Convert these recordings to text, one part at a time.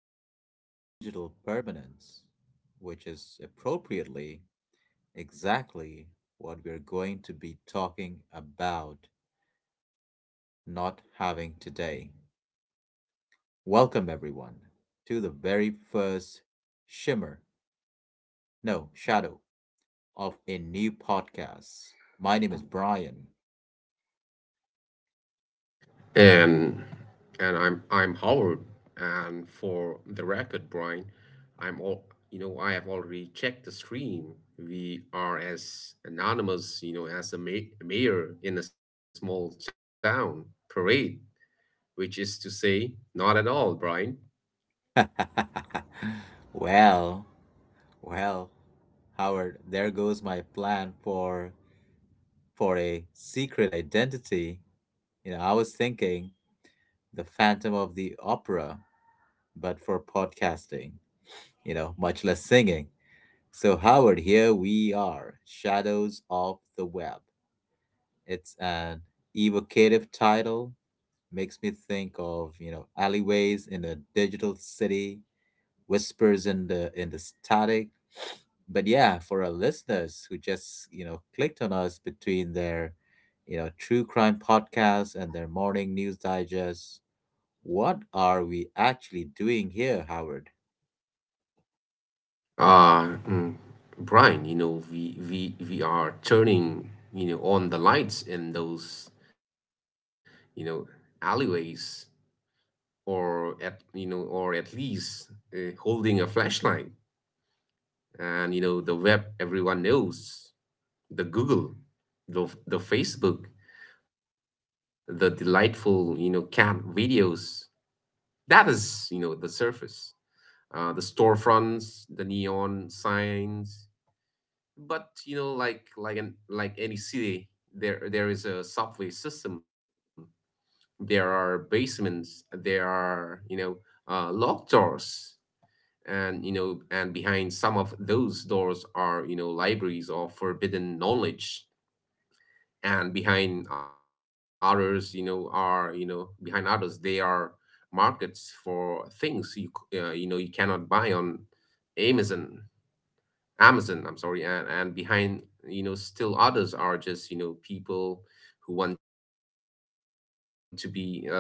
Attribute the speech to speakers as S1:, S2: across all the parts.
S1: a form of digital permanence, which is appropriately exactly what we're going to be talking about not having today. Welcome, everyone, to the very first shimmer, no, shadow of a new podcast. My name is Brian.
S2: And and I'm Howard. And for the record, Brian, I'm all I have already checked the stream. We are as anonymous, you know, as a mayor in a small town parade, which is to say, not at all, Brian.
S1: well, Well, Howard, there goes my plan for a secret identity. You know, I was thinking the Phantom of the Opera, but for podcasting, you know, much less singing. So Howard, here we are, Shadows of the Web. It's an evocative title, makes me think of, you know, alleyways in a digital city, whispers in the static, but yeah, for our listeners who just, you know, clicked on us between their, you know, true crime podcast and their morning news digest, what are we actually doing here, Howard?
S2: Ah, mm, Brian, we are turning, on the lights in those, you know, alleyways or at least holding a flashlight. And you know the web everyone knows: the Google, the Facebook, the delightful, you know, cat videos. That is, you know, the surface, the storefronts, the neon signs. But you know, like any city, there is a subway system, there are basements, there are, you know, locked doors. And you know, and behind some of those doors are, you know, libraries of forbidden knowledge, and behind others, you know, are you know behind others they are markets for things you you know you cannot buy on Amazon. Amazon, I'm sorry. And behind, you know, still others are just, you know, people who want to be, left alone,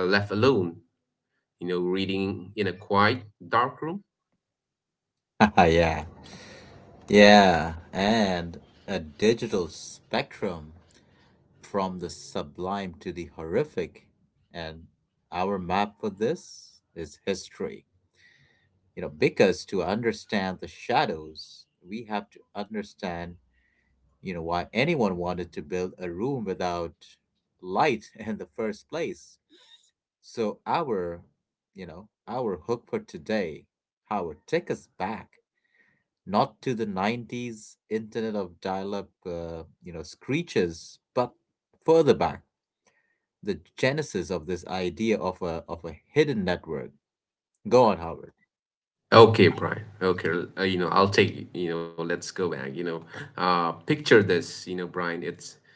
S2: you know, reading in a quiet dark room.
S1: yeah. Yeah. And a digital spectrum from the sublime to the horrific. And our map for this is history. You know, because to understand the shadows, we have to understand you know, why anyone wanted to build a room without light in the first place. So, you know, our hook for today, Howard, take us back, not to the 90s internet of dial up, you know, screeches, but further back, the genesis of this idea of a hidden network. Go on, Howard.
S2: Okay, Brian. Okay, you know, I'll take, you know, let's go back, you know. Picture this, you know, Brian, it's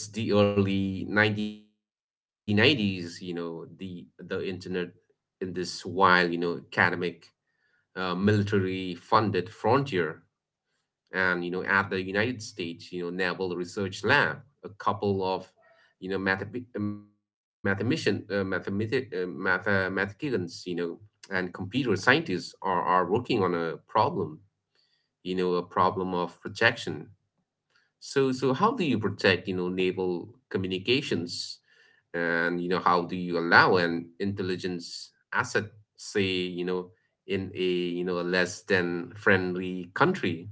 S2: it's the early 1990s, you know, the internet in this wild, you know, academic, military funded frontier. And you know, at the United States, you know, Naval Research Lab, a couple of, you know, mathematicians, you know, and computer scientists are working on a problem, you know, a problem of protection. So how do you protect, you know, naval communications, and you know, how do you allow an intelligence asset, say, you know, in a, you know, a less than friendly country,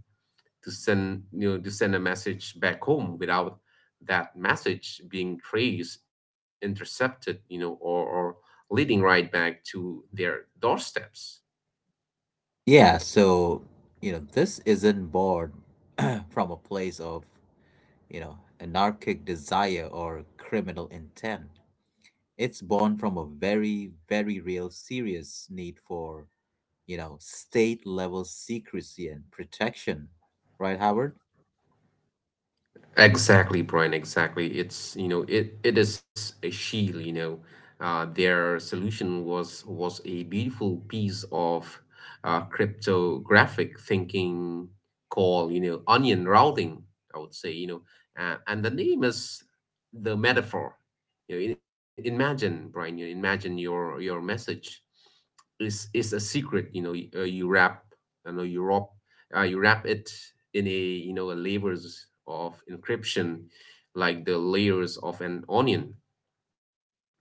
S2: to send, you know, to send a message back home without that message being traced, intercepted, you know, or leading right back to their doorsteps?
S1: Yeah, so, you know, this isn't born from a place of you know, anarchic desire or criminal intent. It's born from a very, very real, serious need for, you know, state level secrecy and protection, right, Howard?
S2: Exactly, Brian. Exactly. It's, you know, it is a shield. You know, their solution was a beautiful piece of cryptographic thinking called, you know, onion routing, I would say, you know. And the name is the metaphor. You know, imagine, Brian, you know, imagine your message is a secret. You know, you wrap, you know, you wrap it in a, you know, a layers of encryption, like the layers of an onion,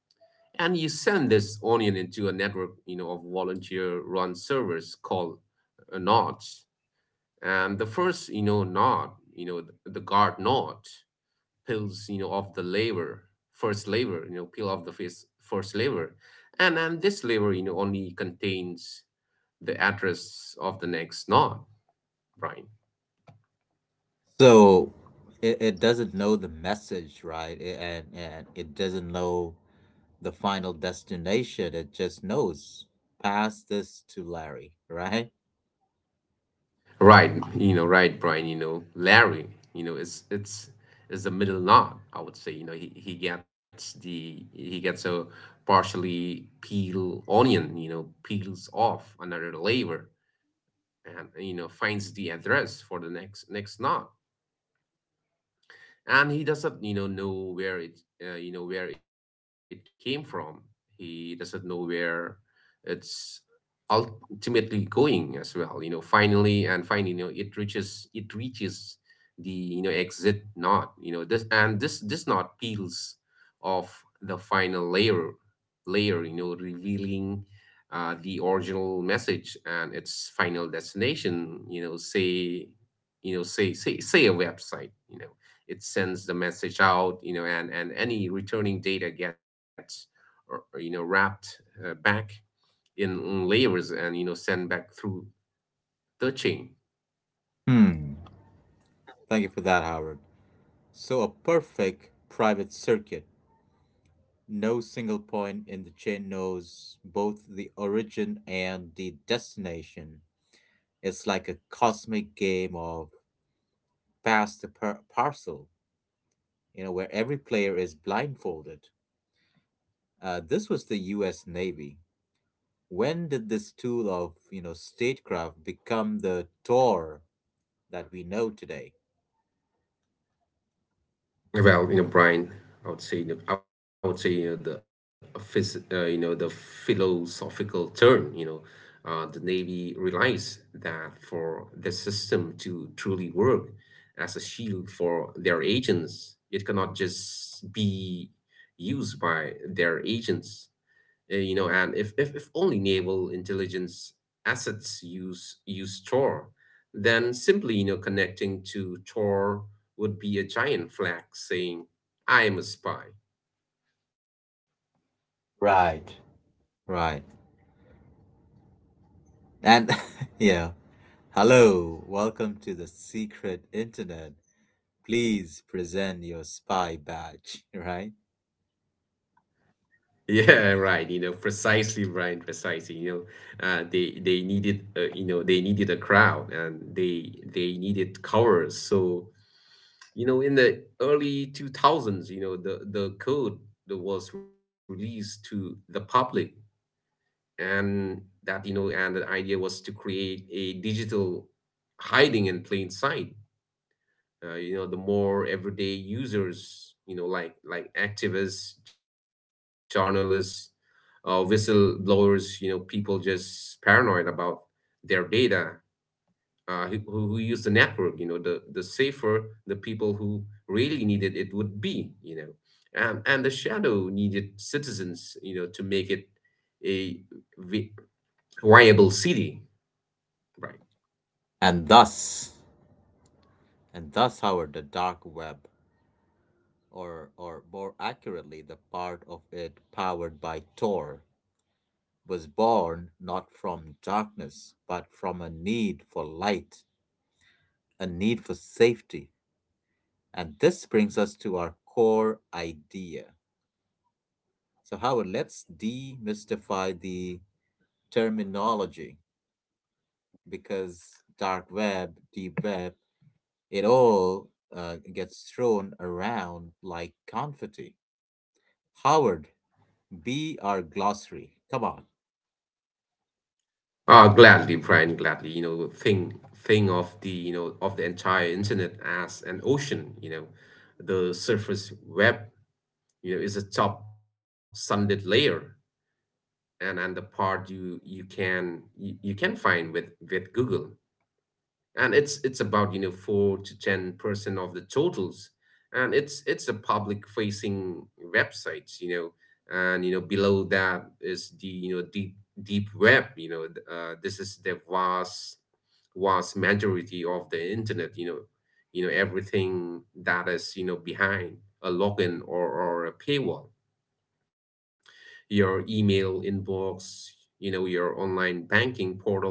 S2: and you send this onion into a network, you know, of volunteer-run servers called, nodes. And the first, you know, node, you know, the guard node peels, you know, off the layer, first layer. And this layer, you know, only contains the address of the next node, Brian.
S1: So it doesn't know the message, right? And it doesn't know the final destination. It just knows pass this to Larry, right?
S2: Right, you know, right, Brian. You know, Larry, you know, it's is the middle node, I would say, you know. He gets a partially peel onion, you know, peels off another layer, and you know, finds the address for the next node, and he doesn't, you know where it, you know, where it came from. He doesn't know where it's ultimately going as well, you know. Finally, you know, it reaches the, you know, exit node. You know, this and this this node peels off the final layer, you know, revealing, the original message and its final destination, you know, say a website, you know. It sends the message out, you know, and any returning data gets, you know, wrapped, back in layers and, you know, sent back through the chain.
S1: Hmm. Thank you for that, Howard. So a perfect private circuit. No single point in the chain knows both the origin and the destination. It's like a cosmic game of pass the parcel, you know, where every player is blindfolded. This was the U.S. Navy. When did this tool of you know statecraft become the Tor that we know today?
S2: Well, you know, Brian, I would say, you know, the you know, the philosophical turn, you know, the Navy realized that for the system to truly work as a shield for their agents, it cannot just be used by their agents. You know, and if only naval intelligence assets use Tor, then simply, you know, connecting to Tor would be a giant flag saying, "I am a spy."
S1: Right. Right. And yeah, hello, welcome to the secret internet. Please present your spy badge, right?
S2: Yeah, right. You know, precisely, Brian. Precisely. You know, they needed, you know, they needed a crowd and they needed covers. So you know, in the early two thousands, you know, the code that was released to the public. And that, you know, and the idea was to create a digital hiding in plain sight. You know, the more everyday users, you know, like activists, journalists, whistleblowers, you know, people just paranoid about their data, who use the network, you know, the safer the people who really needed it would be, you know. And the shadow needed citizens, you know, to make it a vi- viable city, right?
S1: And thus, and thus, Howard, the dark web, or more accurately, the part of it powered by Tor, was born not from darkness, but from a need for light, a need for safety. And this brings us to our core idea. So, Howard, let's demystify the terminology because dark web, deep web, it all gets thrown around like confetti. Howard, be our glossary. Come on.
S2: Gladly, Brian, gladly. You know, think of the, you know, of the entire internet as an ocean, you know. The surface web, you know, is a top sunlit layer, and the part you you can find with Google, and it's about, you know, 4 to 10 percent of the totals, and it's a public facing websites, you know. And you know, below that is the, you know, deep web. You know, this is the vast majority of the internet, you know. You know, everything that is, you know, behind a login, or a paywall: your email inbox, you know, your online banking portal,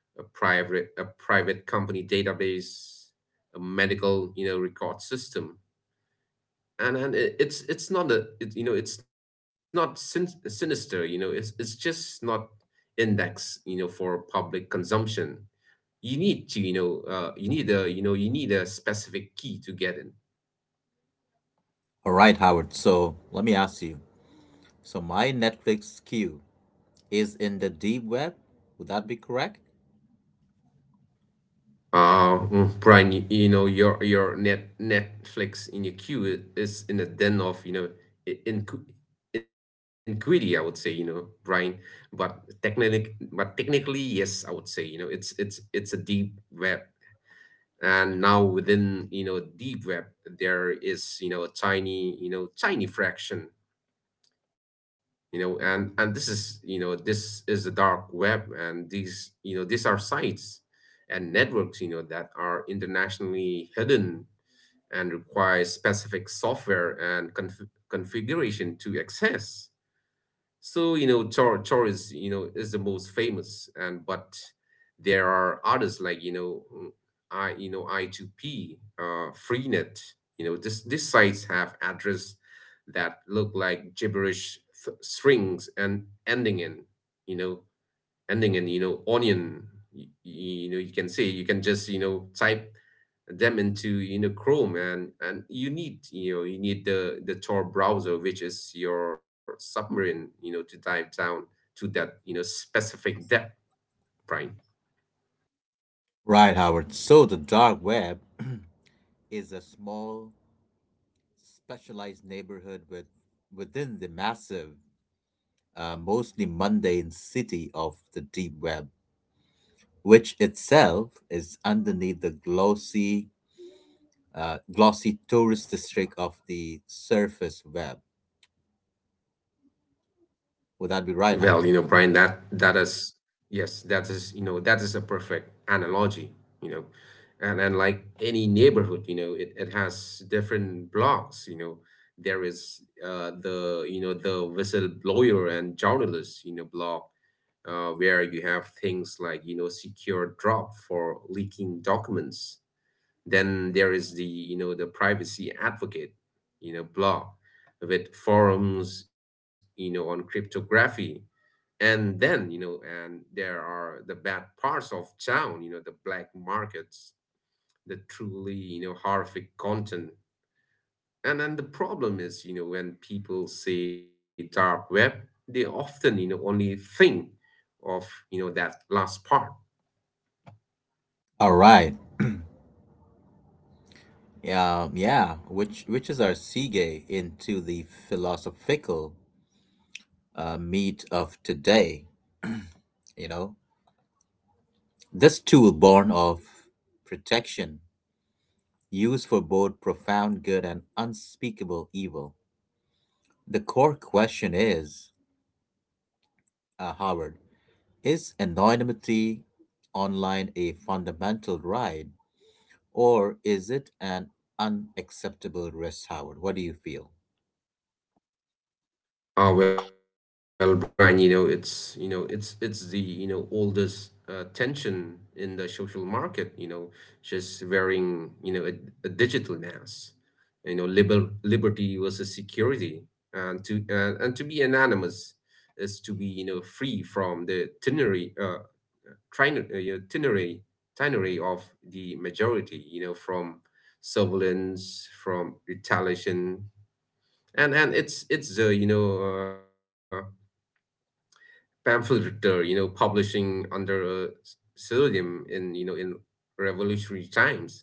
S2: a private company database, a medical, you know, record system. And it's not a, it, you know, it's not sinister, you know, it's just not index, you know, for public consumption. You need to, you know, you need a, you know, you need a specific key to get in.
S1: All right, Howard. So let me ask you. So my Netflix queue is in the deep web. Would that be correct?
S2: Brian, you know, your Netflix in your queue is in the den of, you know, I- inqu iniquity, I would say, you know, Brian. But technically, yes, I would say, you know, it's a deep web, and now within, you know, deep web, there is, you know, a tiny, you know, tiny fraction, you know. And this is, you know, this is a dark web, and these, you know, these are sites and networks, you know, that are internationally hidden and require specific software and configuration to access. So, you know, Chor is, you know, is the most famous. And but there are others like, you know, mm, I, you know, I2P, Freenet, you know. This these sites have address that look like gibberish f strings and ending in, you know, ending in onion. You know, you can say you can just, you know, type them into, you know, Chrome. And you need, you know, you need the Tor browser, which is your submarine, you know, to dive down to that, you know, specific depth, right?
S1: Right, Howard. So the dark web is a small, specialized neighborhood with within the massive, mostly mundane city of the deep web, which itself is underneath the glossy glossy tourist district of the surface web. Would that be
S2: Well, you
S1: right,
S2: know, Brian,
S1: Howard?
S2: that that is yes, that is, you know, that is a perfect analogy, you know, and like any neighborhood, you know, it has different blocks, you know. There is, the, you know, the whistleblower and journalist, you know, block, where you have things like, you know, Secure Drop for leaking documents. Then there is the, you know, the privacy advocate, you know, block with forums, you know, on cryptography. And then, you know, and there are the bad parts of town, you know, the black markets, the truly, you know, horrific content. And then the problem is, you know, when people say dark web, they often, you know, only think of, you know, that last part.
S1: All right. Yeah, which is our segue into the philosophical meat of today. You know, this tool born of protection, used for both profound good and unspeakable evil. The core question is, Howard, is anonymity online a fundamental right, or is it an unacceptable risk, Howard? What do you feel?
S2: Oh well, Brian, you know, it's the, you know, oldest tension in the social market, you know, just wearing, you know, a digital mask, you know, liberty versus security. And to, and to be anonymous is to be, you know, free from the ternary, you know, ternary of the majority, you know, from surveillance, from retaliation. And it's, you know. Pamphleteer, you know, publishing under a pseudonym in, you know, in revolutionary times.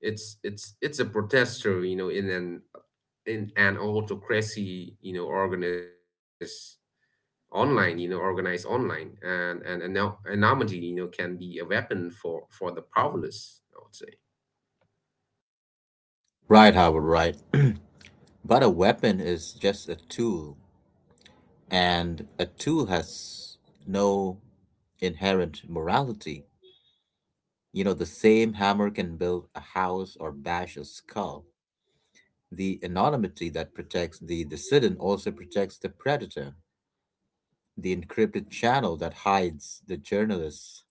S2: It's a protester, you know, in an autocracy, you know, organized online, and anonymity, you know, can be a weapon for the powerless, I would say.
S1: Right, Howard, right. But a weapon is just a tool, and a tool has no inherent morality. You know, the same hammer can build a house or bash a skull. The anonymity that protects the dissident also protects the predator. The encrypted channel that hides the journalist's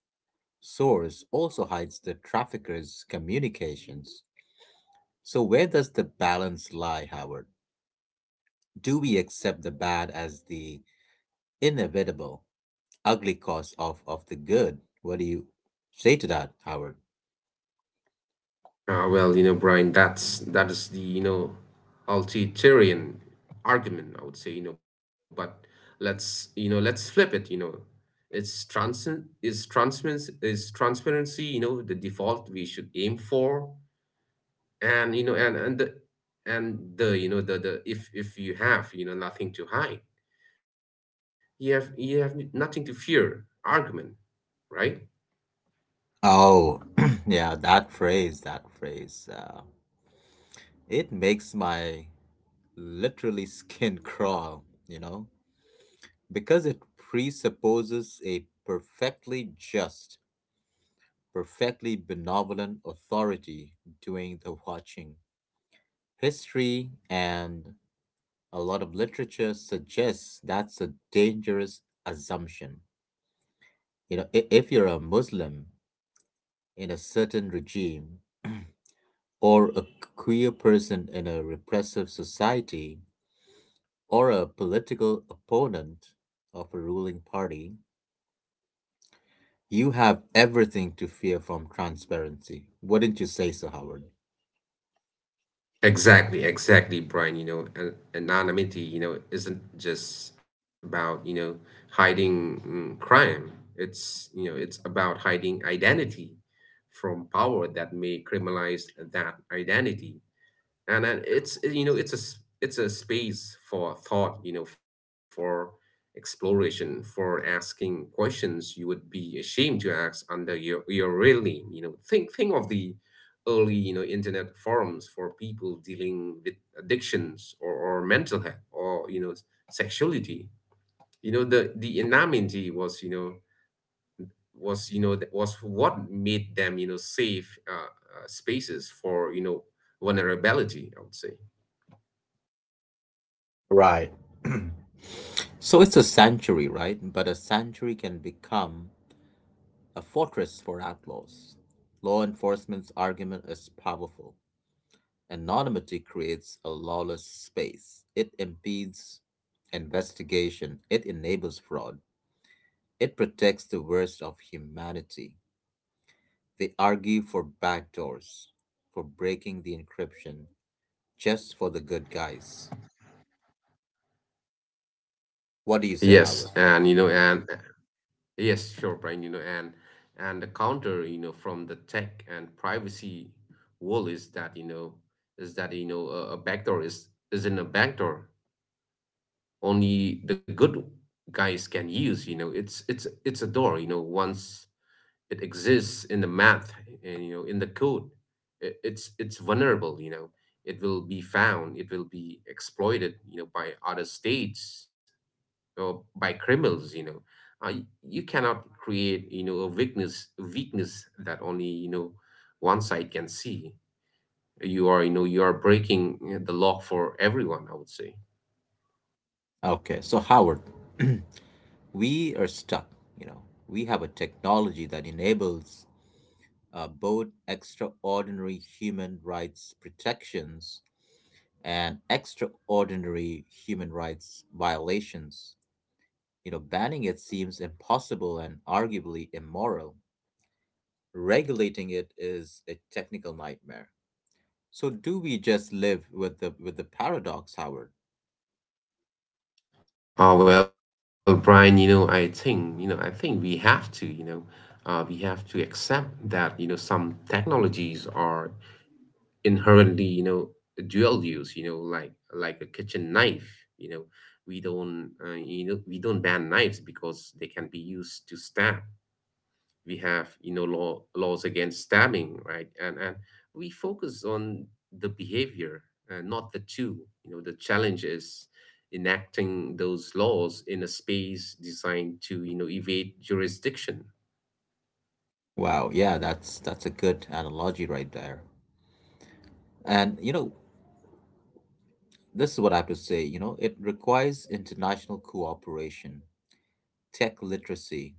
S1: source also hides the trafficker's communications. So, where does the balance lie, Howard? Do we accept the bad as the inevitable, ugly cost of the good? What do you say to that, Howard?
S2: Well, you know, Brian, that's that is the, you know, Altitarian argument, I would say, you know. But let's flip it, you know. It's transcend is transparency, the default we should aim for, and you know, and the you know the if you have nothing to hide, you have nothing to fear argument, right?
S1: Oh, yeah, that phrase. It makes my literally skin crawl, you know, because it presupposes a perfectly just, perfectly benevolent authority doing the watching. History and a lot of literature suggests that's a dangerous assumption. You know, if you're a Muslim in a certain regime, or a queer person in a repressive society, or a political opponent of a ruling party, you have everything to fear from transparency. Wouldn't you say so, Howard?
S2: Exactly, exactly, Brian. Anonymity, isn't just about, hiding crime. It's, it's about hiding identity from power that may criminalize that identity, and then it's it's a it's a space for thought, for exploration, for asking questions you would be ashamed to ask under your real name. Think of the early internet forums for people dealing with addictions, or or mental health, or sexuality. The anonymity was that was what made them safe spaces for vulnerability, I would say.
S1: Right. So it's a sanctuary, right? But a sanctuary can become a fortress for outlaws. Law enforcement's argument is powerful. Anonymity creates a lawless space. It impedes investigation. It enables fraud. It protects the worst of humanity. They argue for backdoors, for breaking the encryption, just for the good guys. What do you say, Howard?
S2: Yes, and yes, sure, Brian, and the counter, from the tech and privacy world is that, a backdoor is isn't a backdoor only the good guys can use, you know. It's a door, you know. Once it exists in the math and, in the code, it's vulnerable, you know. It will be found, it will be exploited, you know, by other states or by criminals, you know. You cannot create, you know, a weakness, that only, you know, one side can see. You are, you know, you are breaking, you know, the law for everyone, I would say.
S1: Okay, so Howard, we are stuck. You know, we have a technology that enables both extraordinary human rights protections and extraordinary human rights violations. You know, banning it seems impossible and arguably immoral. Regulating it is a technical nightmare. So do we just live with the paradox, Howard?
S2: Well, Brian, you know, I think, we have to, you know, we have to accept that, you know, some technologies are inherently, dual use, you know, like a kitchen knife. You know, we don't, we don't ban knives because they can be used to stab. We have, laws against stabbing, right? And we focus on the behavior, not the tool. You know, the challenge is enacting those laws in a space designed to, evade jurisdiction.
S1: Wow, yeah, that's a good analogy right there. And you know, this is what I have to say, you know, it requires international cooperation, tech literacy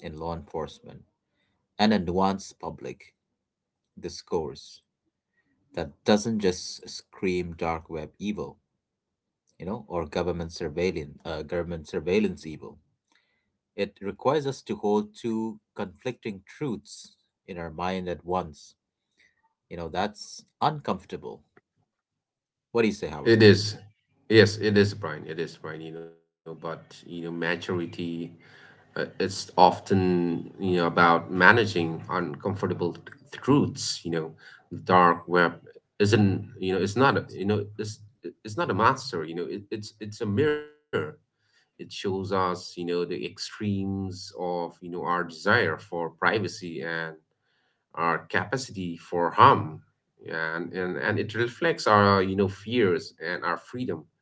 S1: in law enforcement, and a nuanced public discourse that doesn't just scream dark web evil, you know, or government surveillance evil. It requires us to hold two conflicting truths in our mind at once. You know, that's uncomfortable. What do you say, Howard?
S2: It is. Yes, it is, Brian. It is, Brian, you know. But you know, maturity, it's often, you know, about managing uncomfortable truths, you know. The dark web isn't, it's it's not a monster, you know. It, it's a mirror. It shows us, you know, the extremes of, you know, our desire for privacy and our capacity for harm. And it reflects our, you know, fears and our freedom,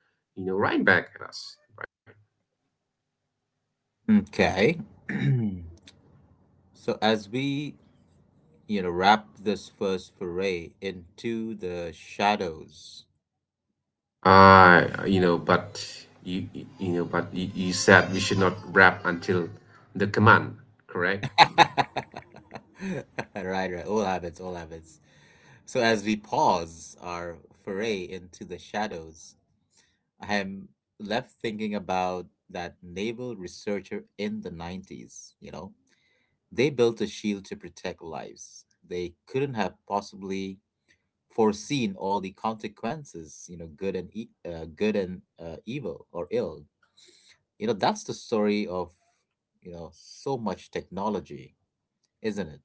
S2: you know, right back at us. Right?
S1: Okay. So as we, you know, wrap this first foray into the shadows.
S2: You know, but you know, but you said we should not wrap until the command, correct?
S1: Right, right. All habits, all habits. So, as we pause our foray into the shadows, I am left thinking about that naval researcher in the 90s. You know, they built a shield to protect lives. They couldn't have possibly foreseen all the consequences, you know, good and evil or ill. You know, that's the story of, you know, so much technology, isn't it?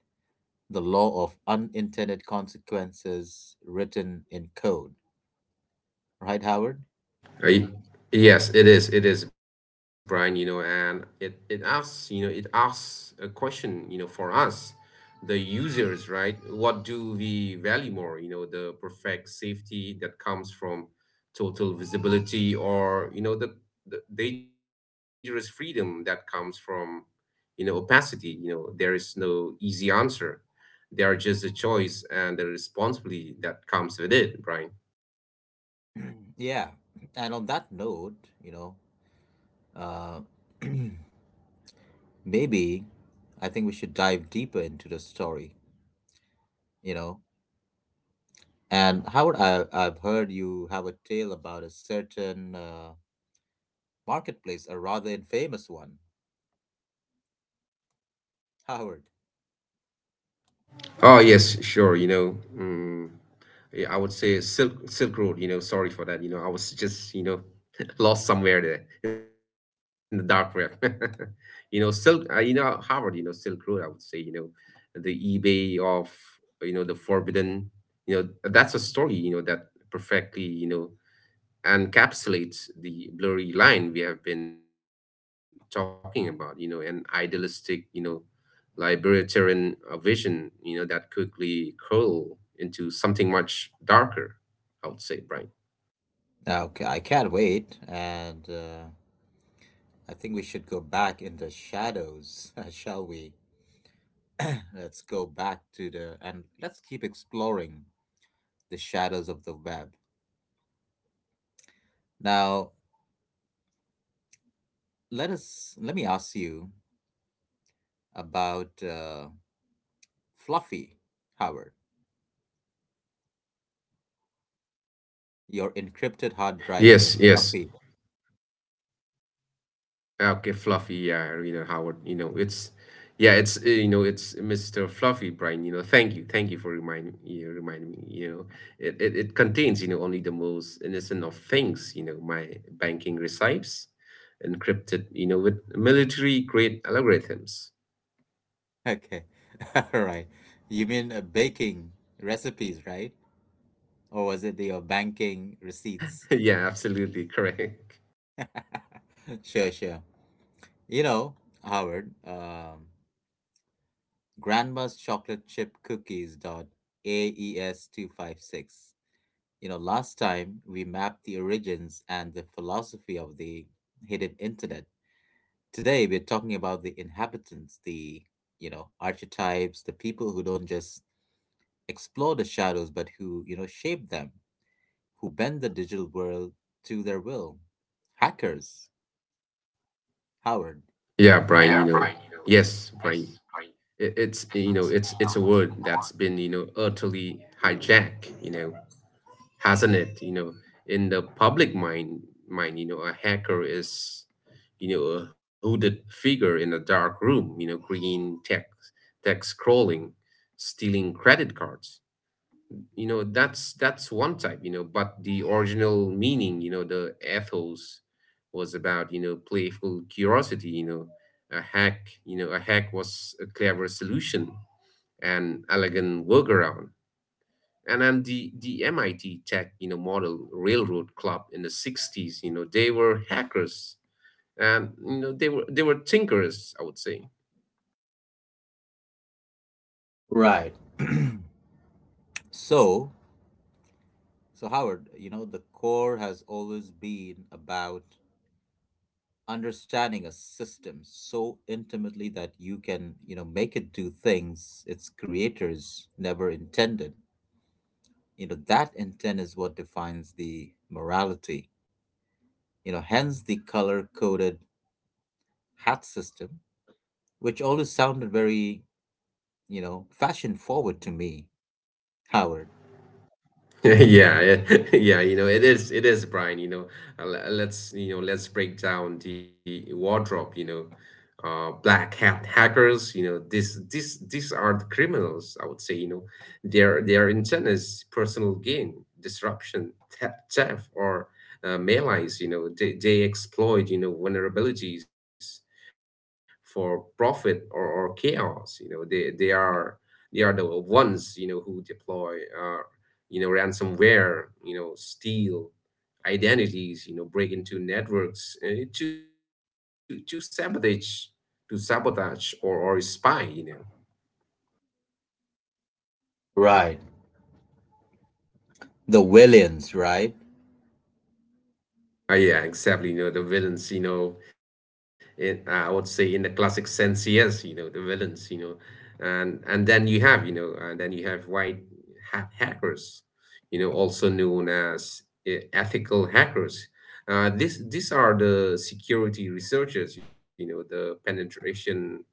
S1: The law of unintended consequences written in code, right, Howard?
S2: Uh, y- Yes, it is. It is, Brian, you know, and it asks, you know, it asks a question, you know, for us, the users, right? What do we value more? You know, the perfect safety that comes from total visibility, or, you know, the dangerous freedom that comes from, you know, opacity. You know, there is no easy answer. There are just a choice and the responsibility that comes with it, Brian.
S1: Yeah. And on that note, you know, uh, maybe I think we should dive deeper into the story, you know. And Howard, I've heard you have a tale about a certain marketplace, a rather infamous one. Howard.
S2: Oh, yes, sure, you know. Yeah, I would say Silk Road. You know, sorry for that. You know, I was just, lost somewhere there in the dark web. You know, Silk. You know, Harvard. You know, Silk Road, I would say. You know, the eBay of, the forbidden. You know, that's a story, you know, that perfectly, you know, encapsulates the blurry line we have been talking about. You know, an idealistic, you know, libertarian, vision, you know, that quickly curl into something much darker, I would say, Brian.
S1: Okay, I can't wait. And I think we should go back in the shadows, shall we? Let's go back to the, and let's keep exploring the shadows of the web. Now, let me ask you about Fluffy. Howard, your encrypted hard drive
S2: Yes,
S1: named
S2: yes.
S1: Fluffy.
S2: Okay, Fluffy. Yeah, you know, Howard, you know, it's, yeah, it's, it's Mr. Fluffy, Brian. You know, thank you for reminding me, you know, it contains, you know, only the most innocent of things, you know. My banking receipts, encrypted, you know, with military-grade algorithms.
S1: Okay, all right. You mean baking recipes, right? Or was it your banking receipts?
S2: Yeah, absolutely correct.
S1: sure, sure. You know, Howard, Grandma's chocolate chip cookies dot AES 256. You know, last time we mapped the origins and the philosophy of the hidden internet. Today we're talking about the inhabitants, the you know archetypes, the people who don't just explore the shadows but who you know shape them, who bend the digital world to their will. Hackers, Howard.
S2: Yeah, Brian, you
S1: Yeah,
S2: know,
S1: Brian, you
S2: yes, Brian,
S1: Yes, Brian. It,
S2: it's, you know,
S1: it's you
S2: it's a
S1: know, it's
S2: word that's been, you know, utterly hijacked, you know, hasn't it? You know, in the public mind, you know, a hacker is, you know, a hooded figure in a dark room. You know, green tech, scrolling, stealing credit cards. You know, that's one type. You know, but the original meaning, you know, the ethos was about, playful curiosity. You know, a hack, was a clever solution, an elegant workaround. And then the MIT Tech, you know, model railroad club in the '60s, you know, they were hackers, and you know, they were thinkers, I would say.
S1: the word. Right. So, so Howard, you know, the core has always been about understanding a system so intimately that you can you know make it do things its creators never intended. You know that intent is what defines the morality, you know hence the color coded hat system, which always sounded very you know fashion forward to me, Howard.
S2: Yeah, yeah, yeah, you know, it is, Brian, you know, let's, you know, let's break down the wardrobe, you know. Black hat hackers, you know, these are the criminals, I would say, you know. Their intent is personal gain, disruption, theft, or malaise, you know. They exploit, you know, vulnerabilities for profit, or chaos, you know. They are the ones, you know, who deploy uh, ransomware, you know, steal identities, you know, break into networks, to sabotage, or spy, you know.
S1: Right, the williams right.
S2: Yeah, exactly, you know, the villains, you know, in, I would say, in the classic sense. Yes, you know, the villains, you know. And then you have you know and then you have white hat hackers, you know, also known as, ethical hackers. These are the security researchers, you know, the penetration,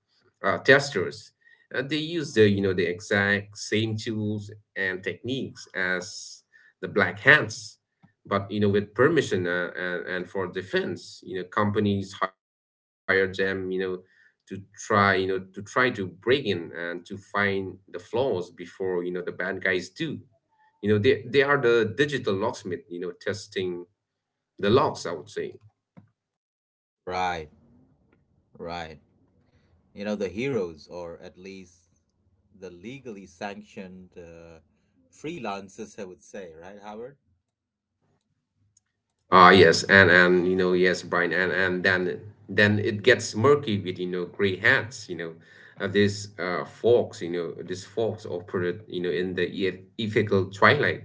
S2: testers. They use, the you know the exact same tools and techniques as the black hands, but you know, with permission, and for defense. You know, companies hire them, you know, to try, to break in and to find the flaws before, you know, the bad guys do. You know, they are the digital locksmith, you know, testing the locks, I would say.
S1: Right right You know, the heroes, or at least the legally sanctioned freelancers, I would say, right, Howard?
S2: Ah, yes, and you know, yes, Brian. And then it gets murky with, you know, gray hats, you know. These folks, operate, you know, in the ethical twilight.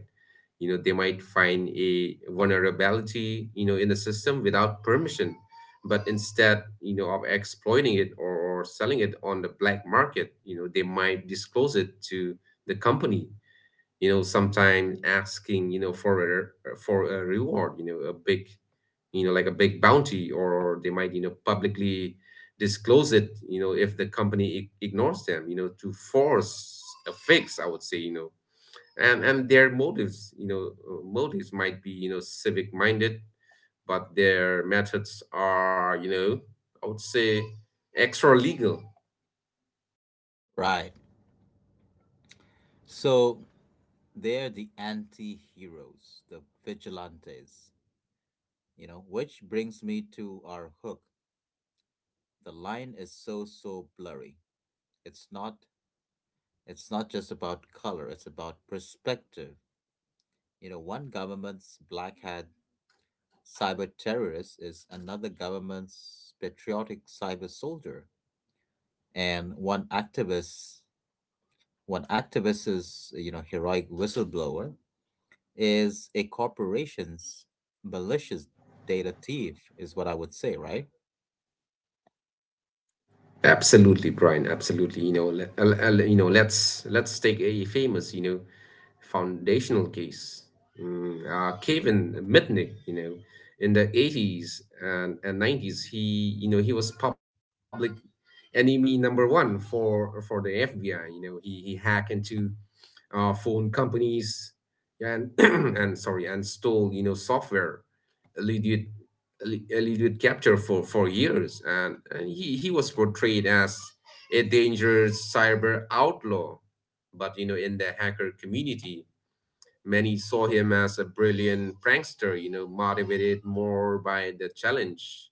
S2: You know, they might find a vulnerability, you know, in the system without permission, but instead, you know, of exploiting it, or selling it on the black market, you know, they might disclose it to the company, you know, sometimes asking, you know, for a, reward, you know, a big, a big bounty, or they might, you know, publicly disclose it, you know, if the company ignores them, you know, to force a fix, I would say, you know. And their motives, you know, motives might be, you know, civic minded, but their methods are, you know, I would say, extra legal.
S1: Right. So they're the anti-heroes, the vigilantes, you know, which brings me to our hook. The line is so blurry. it's not it's not just about color, it's about perspective. You know, one government's black hat cyber terrorist is another government's patriotic cyber soldier, and one activist's, you know, heroic whistleblower is a corporation's malicious data thief, is what I would say, right?
S2: Absolutely, Brian. Absolutely. You know, let's take a famous, you know, foundational case. Kevin Mitnick, you know, in the '80s, and '90s, he, was public enemy number one for the FBI. You know, he hacked into phone companies, and and sorry, and stole, you know, software. Eluded capture for years, and he, was portrayed as a dangerous cyber outlaw. But you know, in the hacker community, many saw him as a brilliant prankster, you know, motivated more by the challenge,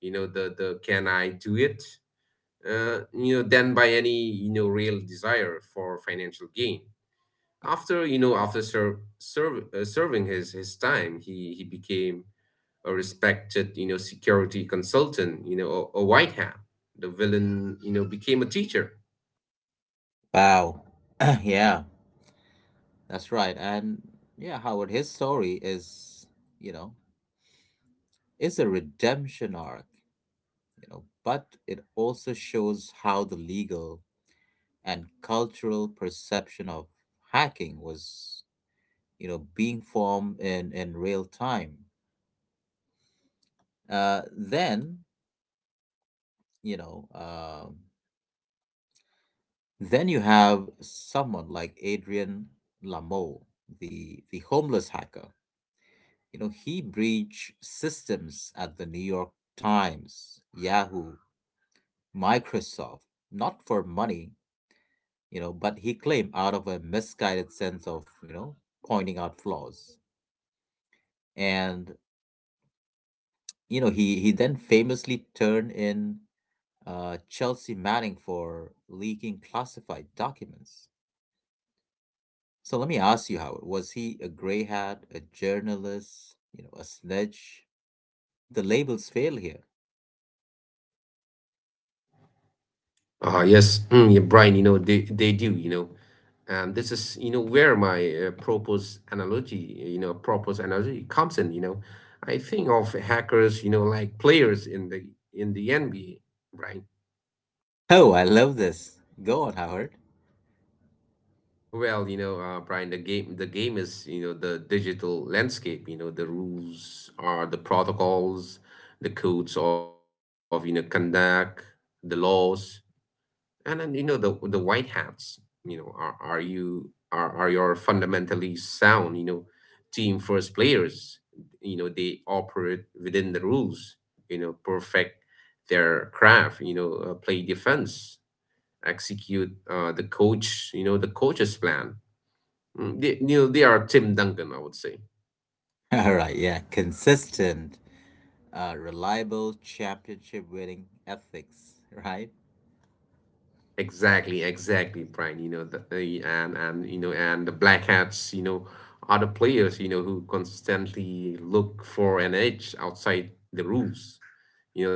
S2: you know, the can I do it, you know, than by any, you know, real desire for financial gain. After serving his time, he became a respected, you know, security consultant. You know, a, white hat. The villain, you know, became a teacher.
S1: Wow. Yeah, that's right. And yeah, Howard, his story is, you know, is a redemption arc. You know, but it also shows how the legal and cultural perception of hacking was, you know, being formed in real time. Then, you know, um, then you have someone like Adrian Lamoe, the homeless hacker. You know, he breached systems at the New York Times, Yahoo, Microsoft, not for money, you know, but he claimed out of a misguided sense of, you know, pointing out flaws. And, you know, he then famously turned in Chelsea Manning for leaking classified documents. So let me ask you, Howard, was he a grey hat, a journalist, you know, a sledge? The labels fail here.
S2: Ah, yes, yeah, Brian. You know, they do. You know, and this is, where my purpose analogy comes in. You know, I think of hackers, you know, like players in the, NBA, right?
S1: Oh, I love this. Go on, Howard.
S2: Well, you know, Brian, the game, is, you know, the digital landscape. You know, the rules are the protocols, the codes of, you know, conduct, the laws. And then, you know, the white hats, you know, are your fundamentally sound, you know, team first players. You know, they operate within the rules. You know, perfect their craft. You know, play defense, execute, the coach. The coach's plan. They, they are Tim Duncan, I would say.
S1: All right, yeah, consistent, reliable, championship winning ethics, right?
S2: Exactly, exactly, Brian. You know, the- and you know, and the Black Hats, are the players, who constantly look for an edge outside the rules.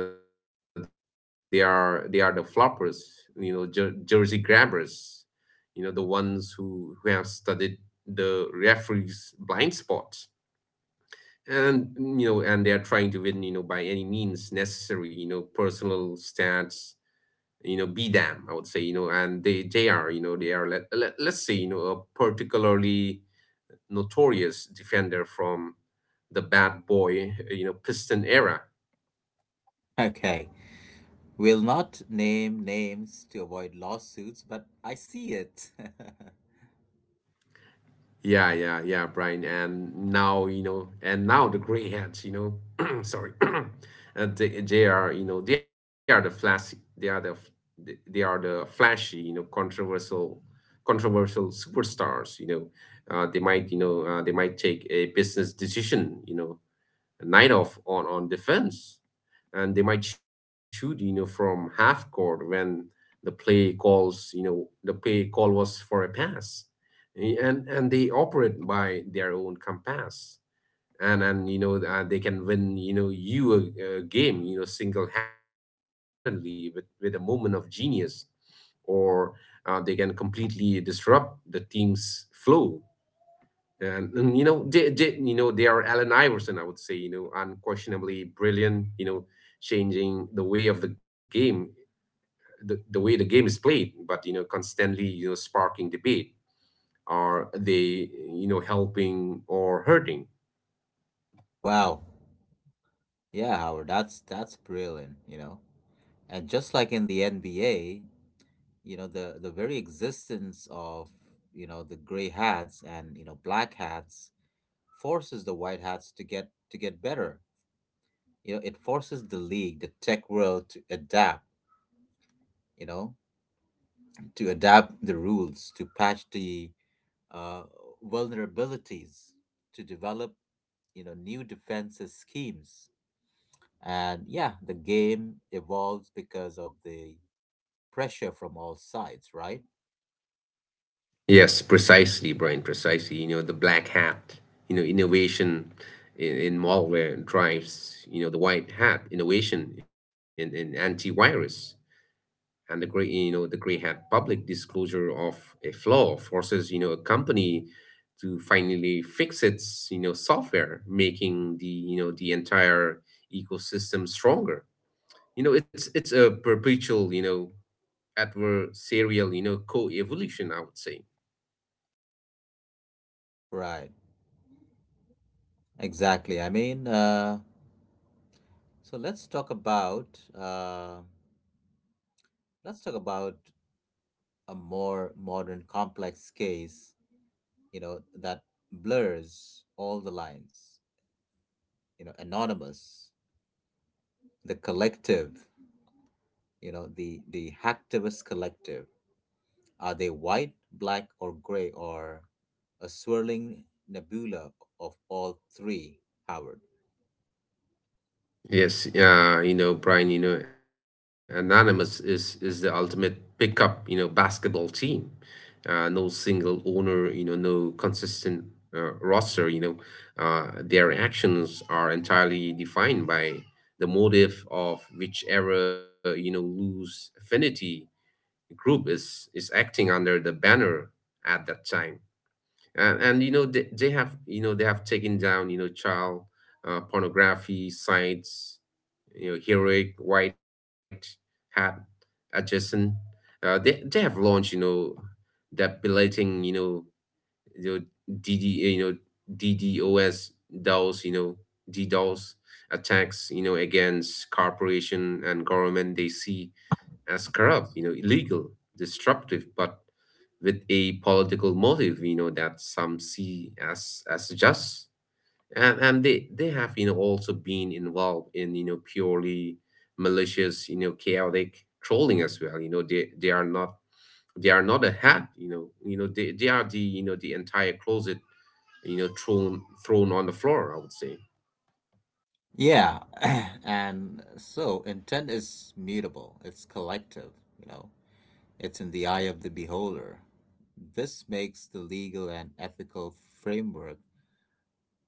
S2: They are the floppers. You know, jersey grabbers. You know, the ones who have studied the referee's blind spots. And and they are trying to win, by any means necessary. You know, personal stats be them, I would say you know and they are, let's say, a particularly notorious defender from the bad boy, piston era.
S1: Okay, we'll not name names to avoid lawsuits, but I see it.
S2: Yeah, Brian. And now the gray hats, sorry and they are, you know they are the flashy they are the flashy, controversial superstars. They might, they might take a business decision, night off on defense. And they might shoot, from half court when the play call was for a pass. And and they operate by their own compass, and they can win, you know you a game, single-handedly with a moment of genius, or they can completely disrupt the team's flow. And they are Allen Iverson, I would say, you know, unquestionably brilliant, you know, changing the way of the game, the way the game is played, but, you know, constantly, you know, sparking debate. Are they, you know, helping or hurting?
S1: Wow. Yeah, Howard, that's brilliant, you know. And just like in the NBA, you know the very existence of you know the gray hats and you know black hats forces the white hats to get better. You know, it forces the league, the tech world to adapt, you know, to adapt the rules, to patch the uh, vulnerabilities, to develop, you know, new defenses schemes. And yeah, the game evolves because of the pressure from all sides, right?
S2: Yes, precisely, Brian, precisely. You know, the black hat, you know, innovation in malware drives, you know, the white hat innovation in antivirus. And the gray hat public disclosure of a flaw forces, a company to finally fix its, software, making the entire ecosystem stronger. It's a perpetual, adversarial, co-evolution, I would say.
S1: Right, exactly. I mean, so let's talk about let's talk about a more modern, complex case. You know, that blurs all the lines. You know, anonymous, the collective. You know, the hacktivist collective. Are they white, black, or gray, or a swirling nebula of all three, Howard?
S2: Yes, you know, Brian, you know, Anonymous is the ultimate pickup, you know, basketball team. No single owner, you know, no consistent roster, you know. Their actions are entirely defined by the motive of whichever, you know, loose affinity group is acting under the banner at that time. And you know They have you know they have taken down, child pornography sites. You know, heroic white hat adjacent. They have launched, you know that belating you know dd you know ddos DDoS, ddos attacks, you know, against corporation and government they see as corrupt, you know, illegal, disruptive, but with a political motive, you know, that some see as just. And they have, you know, also been involved in, you know, purely malicious, you know, chaotic trolling as well. You know, they are not a hat, you know, they are the, you know, the entire closet, you know, thrown on the floor, I would say.
S1: Yeah, and so intent is mutable. It's collective. You know, it's in the eye of the beholder. This makes the legal and ethical framework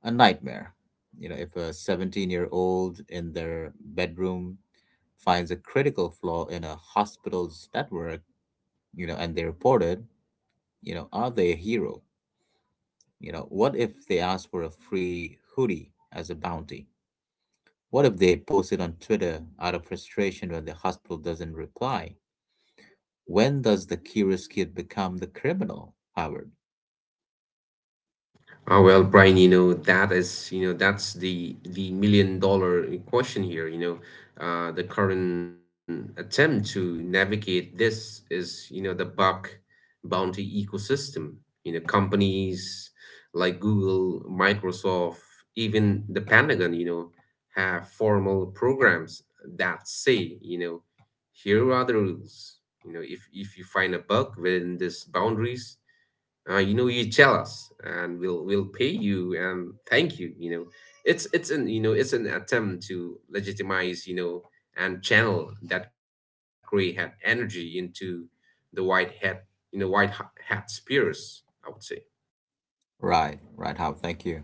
S1: a nightmare. You know, if a 17-year-old in their bedroom finds a critical flaw in a hospital's network, you know, and they report it, you know, are they a hero? You know, what if they ask for a free hoodie as a bounty? What if they post it on Twitter out of frustration when the hospital doesn't reply? When does the curious kid become the criminal, Howard?
S2: Ah well, Brian, you know, that is, you know, that's the million dollar question here, you know. The current attempt to navigate this is, you know, the bug bounty ecosystem. You know, companies like Google, Microsoft, even the Pentagon, you know, have formal programs that say, you know, here are the rules. You know, if you find a bug within these boundaries, you know, you're jealous and we'll pay you and thank you. You know It's an attempt to legitimize, and channel that gray hat energy into the white hat, hat spears, I would say.
S1: Right, right, How? Thank you.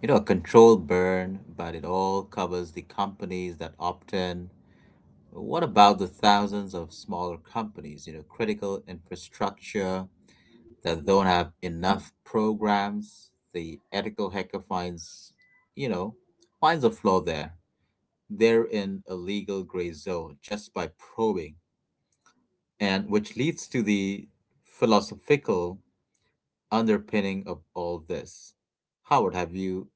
S1: You know, a controlled burn, but it all covers the companies that opt in. What about the thousands of smaller companies, you know, critical infrastructure that don't have enough programs? The ethical hacker finds, you know, finds a flaw there. They're in a legal gray zone just by probing, and which leads to the philosophical underpinning of all this. Howard, have you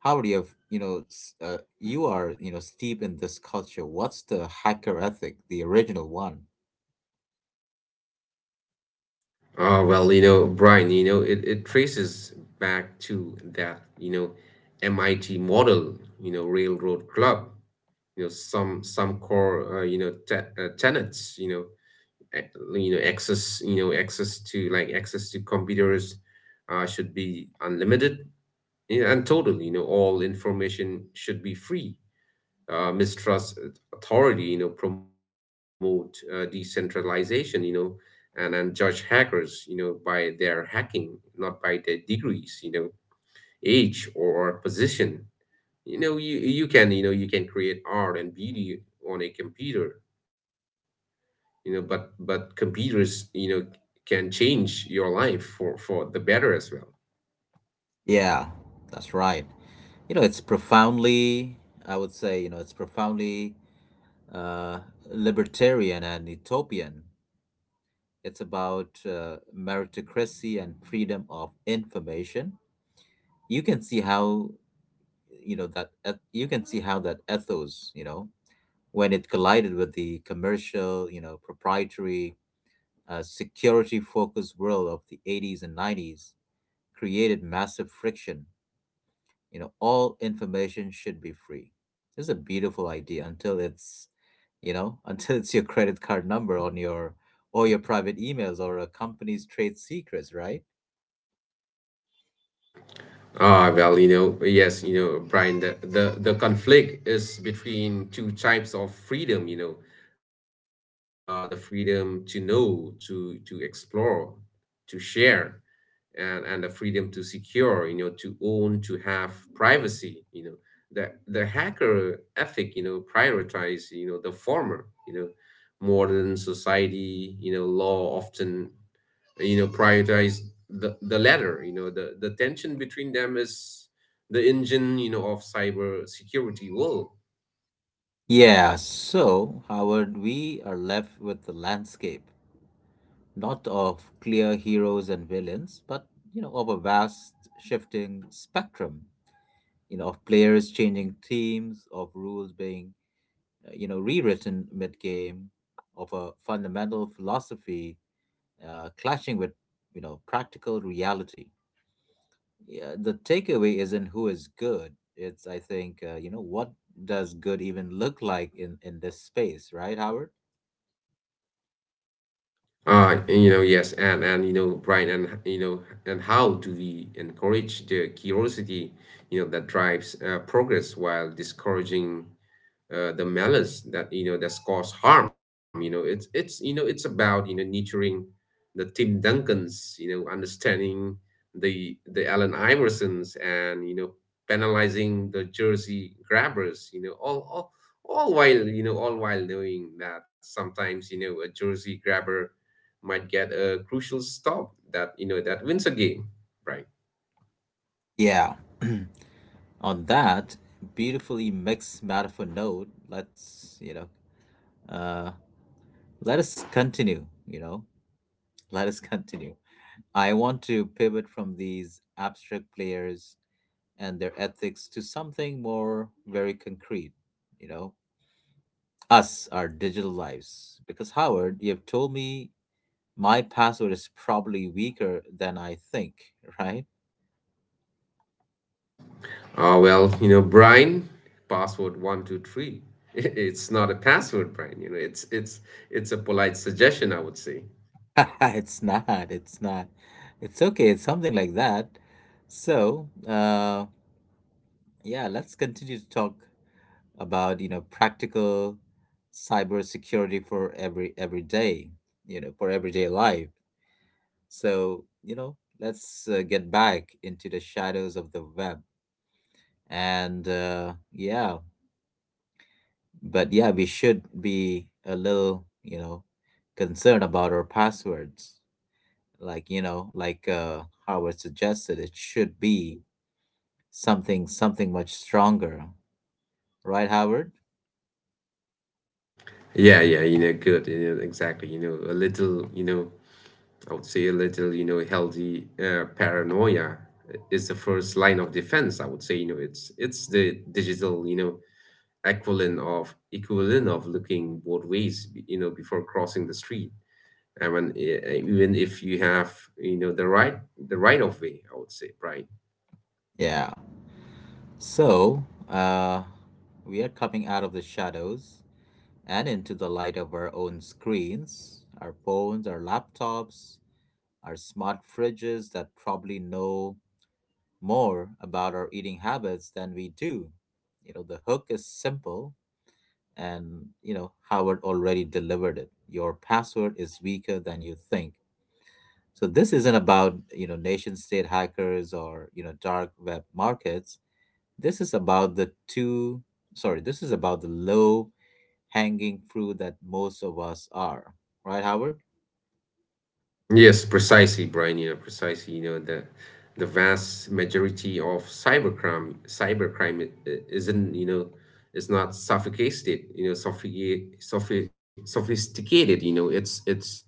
S1: how do you have you know s- you are, you know, steeped in this culture. What's the hacker ethic, the original one?
S2: Brian, you know, it traces back to that, MIT model, railroad club, some core, tenets, you know ac- you know access to like access to computers should be unlimited, and total. All information should be free. Mistrust authority, promote decentralization, and judge hackers, by their hacking, not by their degrees, age, or position. You can, you can create art and beauty on a computer. But computers, can change your life for the better as well.
S1: Yeah, that's right. You know, it's profoundly, I would say you know it's profoundly uh, libertarian and utopian. It's about meritocracy and freedom of information. You can see how, you can see how that ethos, you know, when it collided with the commercial, you know, proprietary, security focused world of the 80s and 90s, created massive friction. You know, all information should be free. This is a beautiful idea until it's, you know, until it's your credit card number on your or your private emails or a company's trade secrets, right?
S2: Brian, the conflict is between two types of freedom, the freedom to know, to explore, to share, and the freedom to secure, you know, to own, to have privacy, you know. The hacker ethic, you know, prioritize, you know, the former, you know, modern society, you know, law often, you know, prioritize the latter, you know, the tension between them is the engine, you know, of cyber security world.
S1: Yeah, so Howard, we are left with the landscape, not of clear heroes and villains, but, you know, of a vast shifting spectrum, you know, of players changing teams, of rules being, you know, rewritten mid-game, of a fundamental philosophy clashing with, you know, practical reality. Yeah, the takeaway isn't who is good. It's, I think, you know, what does good even look like in this space, right, Howard?
S2: And you know, yes, Brian, and you know, and how do we encourage the curiosity, you know, that drives progress while discouraging the malice that, that's caused harm. It's about, nurturing the Tim Duncans, you know, understanding the Allen Iversons, and you know, penalizing the jersey grabbers. You know, all while, all while knowing that sometimes, you know, a jersey grabber might get a crucial stop that, that wins a game, right.
S1: Yeah. On that beautifully mixed metaphor note, let's, you know, uh, let us continue, you know, let us continue. I want to pivot from these abstract players and their ethics to something more very concrete, you know, us, our digital lives. Because, Howard, you have told me my password is probably weaker than I think, right?
S2: Brian, password 123 it's not a password, Brian, it's a polite suggestion, I would say.
S1: It's not. It's not. It's okay. It's something like that. So, yeah, let's continue to talk about, you know, practical cybersecurity for every day, you know, for everyday life. So, you know, let's get back into the shadows of the web. And yeah, we should be a little, you know, concerned about our passwords. Like, you know, like Howard suggested, it should be something much stronger. Right, Howard?
S2: Good, exactly. A little, I would say a little, healthy paranoia is the first line of defense, I would say you know It's the digital, equivalent of looking both ways, you know, before crossing the street. I mean, even if you have, you know the right the right of way, I would say, right.
S1: Yeah. So, we are coming out of the shadows and into the light of our own screens, our phones, our laptops, our smart fridges that probably know more about our eating habits than we do. You know, the hook is simple, and, you know, Howard already delivered it. Your password is weaker than you think. So this isn't about, you know, nation state hackers or, you know, dark web markets. This is about this is about the low hanging fruit that most of us are. Right, Howard?
S2: Yes, precisely, Brian. You know, precisely. You know, the vast majority of cybercrime, isn't, you know, is not sophisticated. You know, sophisticated. You know, it's it's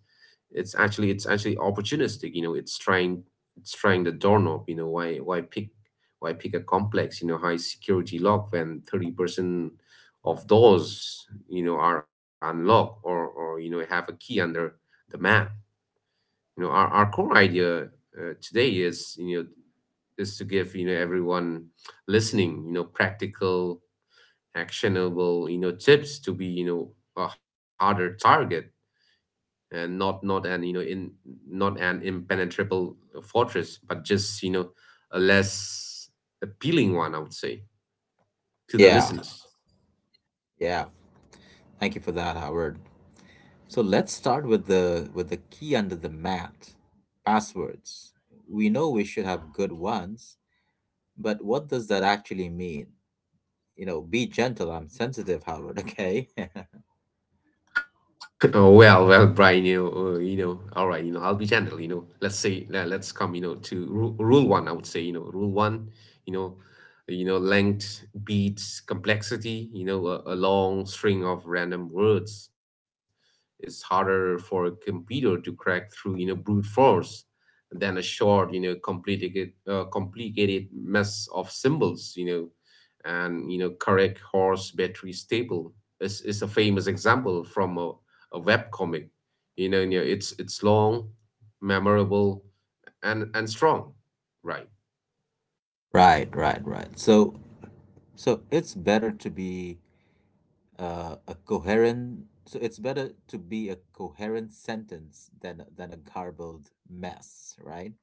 S2: it's actually It's actually opportunistic. It's trying the doorknob. Why pick, a complex, high security lock when 30% of doors, are unlocked, or you know, have a key under the mat. Our core idea, today, is, is to give, everyone listening, you know, practical, actionable, you know, tips to be, you know, a harder target. And not, not an you know in not an impenetrable fortress, but just, you know, a less appealing one, I would say, to the
S1: Yeah.
S2: listeners.
S1: Yeah. Thank you for that, Howard. So let's start with the key under the mat, passwords. We know we should have good ones, but what does that actually mean? You know, be gentle, I'm sensitive, Howard, okay?
S2: Oh, well, well, Brian, you know, all right, you know, I'll be gentle, you know. Let's say, let's come, you know, to rule one. I would say, you know, rule one, you know, length beats complexity. You know, a long string of random words is harder for a computer to crack through, you know, brute force, than a short, you know, complicated mess of symbols, you know, and you know, correct horse battery stable is a famous example from a web comic. You know, it's long, memorable, and strong, right?
S1: Right. So so it's better to be a coherent so it's better to be a coherent sentence than a garbled mess, right?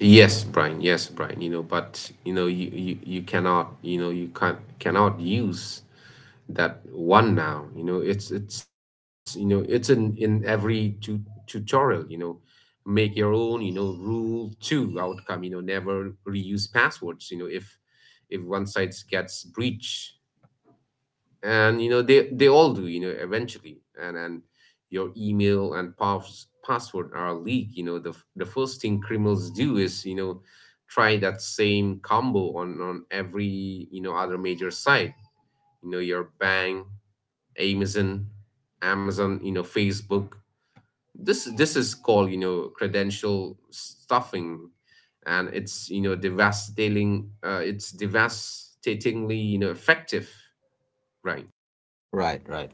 S2: Yes, Brian. Yes, Brian. You know, but you know, you cannot, you know, you can't cannot use that one now. You know, it's in every tutorial. You know, make your own. You know, rule two outcome. You know, never reuse passwords. If one site gets breached, and they all do, eventually, and your email and password are leaked. The the first thing criminals do is, try that same combo on every, other major site, your bank, amazon amazon, Facebook. This is called, credential stuffing, and it's devastatingly effective, right?
S1: Right, right.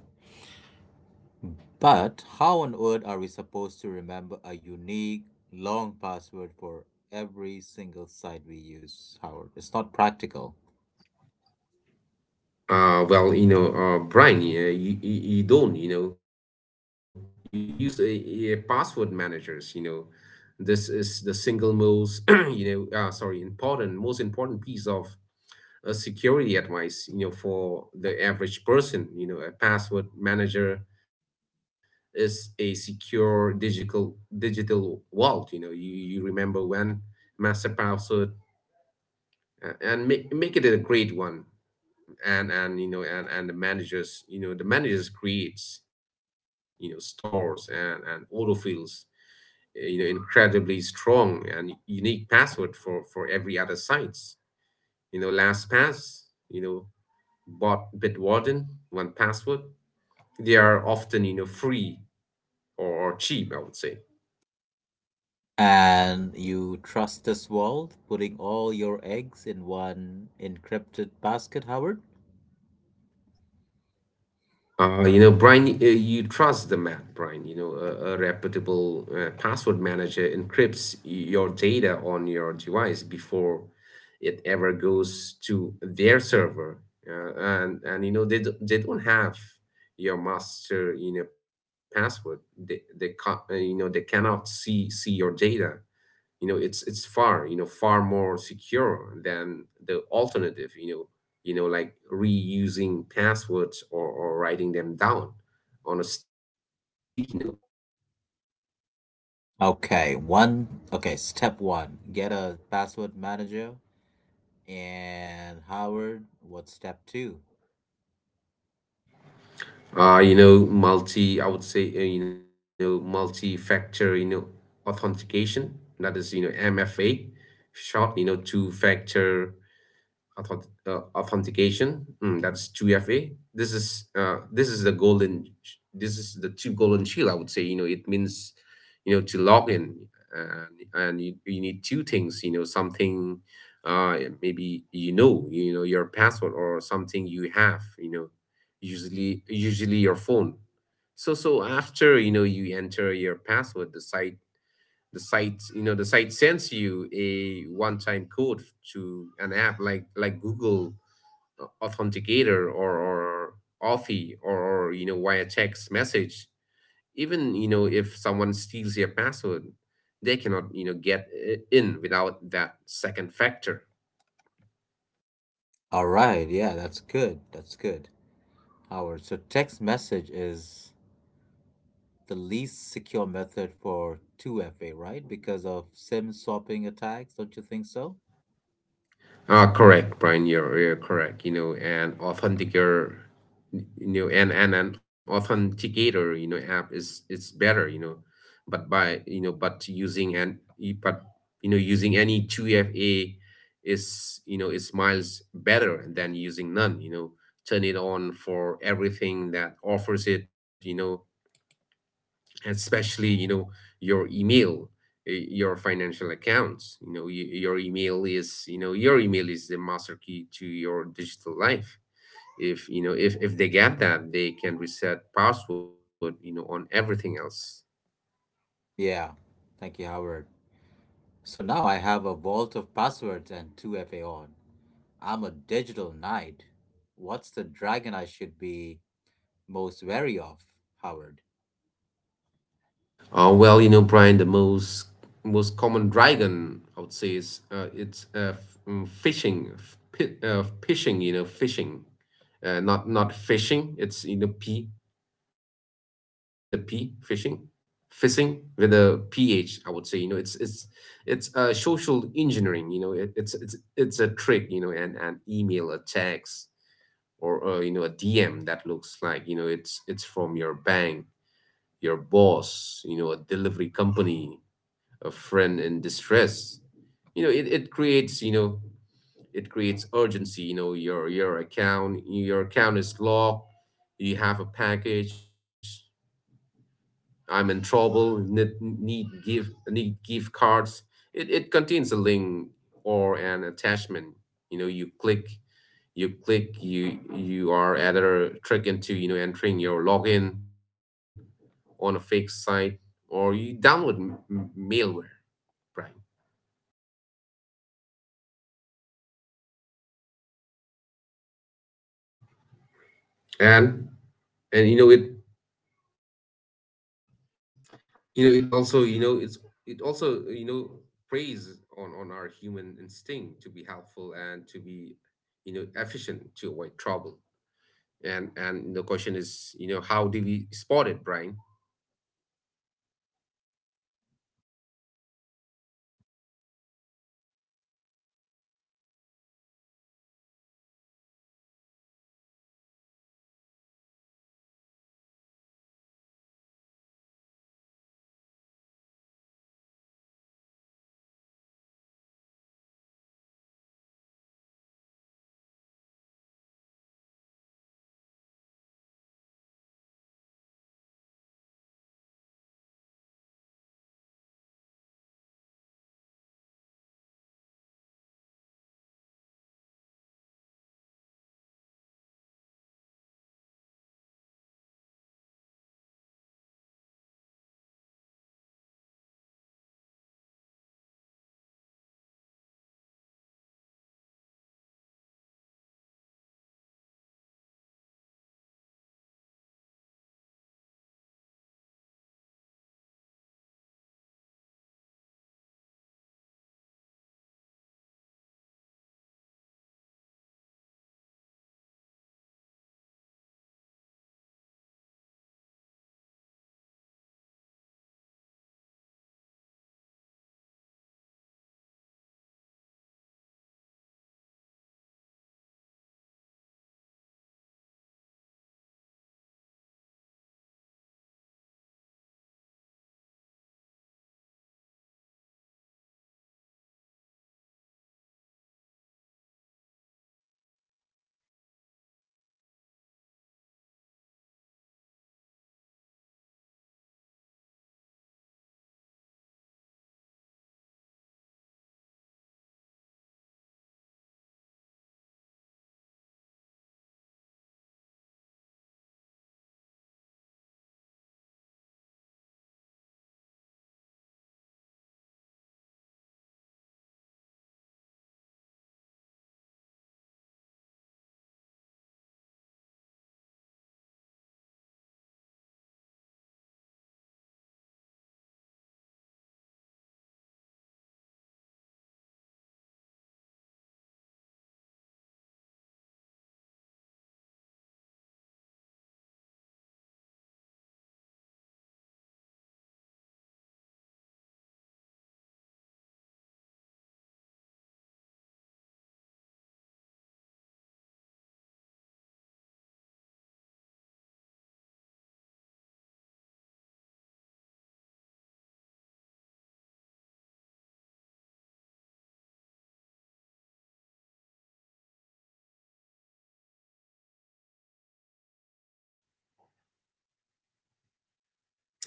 S1: But how on earth are we supposed to remember a unique, long password for every single site we use, Howard? It's not practical.
S2: Well, Brian, yeah, you don't, you use a password managers. This is the single most, most important piece of security advice, for the average person. A password manager is a secure digital vault. You remember one master password. And make it a great one. And you know and the managers you know the managers creates, stores, and auto fields, incredibly strong and unique password for every other sites. LastPass, you know bot Bitwarden, one password. They are often free, or cheap, I would say.
S1: And you trust this world, putting all your eggs in one encrypted basket, Howard?
S2: Brian, you trust the math, Brian. A reputable password manager encrypts your data on your device before it ever goes to their server. And they don't have your master password. They cannot see your data. It's far, far more secure than the alternative. Like reusing passwords, or writing them down on a sticky note.
S1: Okay, one. Okay, step one, get a password manager. And Howard, what's step two?
S2: Multi I would say, multi-factor, authentication, that is, MFA, short, two factor authentication. That's 2FA. This is the golden. This is the two golden shield, I would say. It means, to log in, and you need two things. Something, uh maybe, your password, or something you have, usually your phone. So after, you enter your password, the site sends you a one-time code to an app like Google Authenticator, or Authy, or via text message. Even, if someone steals your password, they cannot, get in without that second factor.
S1: All right, yeah, that's good. That's good. Howard, so text message is the least secure method for 2FA, right? Because of SIM swapping attacks, don't you think so?
S2: Correct, Brian. You're correct. An authenticator, app is it's better. But but using an you- but you know, using any 2FA is you know is miles better than using none. Turn it on for everything that offers it. Especially, your email, your financial accounts. Your email is your email is the master key to your digital life. If you know If they get that, they can reset password on everything else.
S1: Yeah, thank you, Howard. So now I have a vault of passwords and 2FA on. I'm a digital knight. What's the dragon I should be most wary of, Howard?
S2: Well, Brian, the most common dragon, I would say, is phishing. Phishing. Not phishing, it's you know P, with a P, phishing with a P H, I would say. It's social engineering. It, it's a trick. And an email, a text, or, a DM that looks like, it's from your bank, your boss, a delivery company, a friend in distress. You know it, it creates you know it creates urgency. Your account is locked. You have a package. I'm in trouble, need gift cards. It contains a link or an attachment. You know, you click, you click, you are either tricked into, entering your login on a fake site, or you download malware, right? And and it's it also, preys on our human instinct to be helpful and to be, efficient, to avoid trouble. And the question is, how do we spot it, Brian?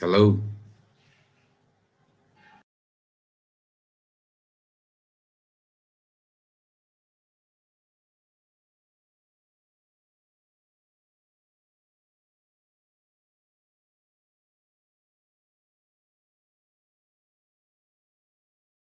S2: Hello.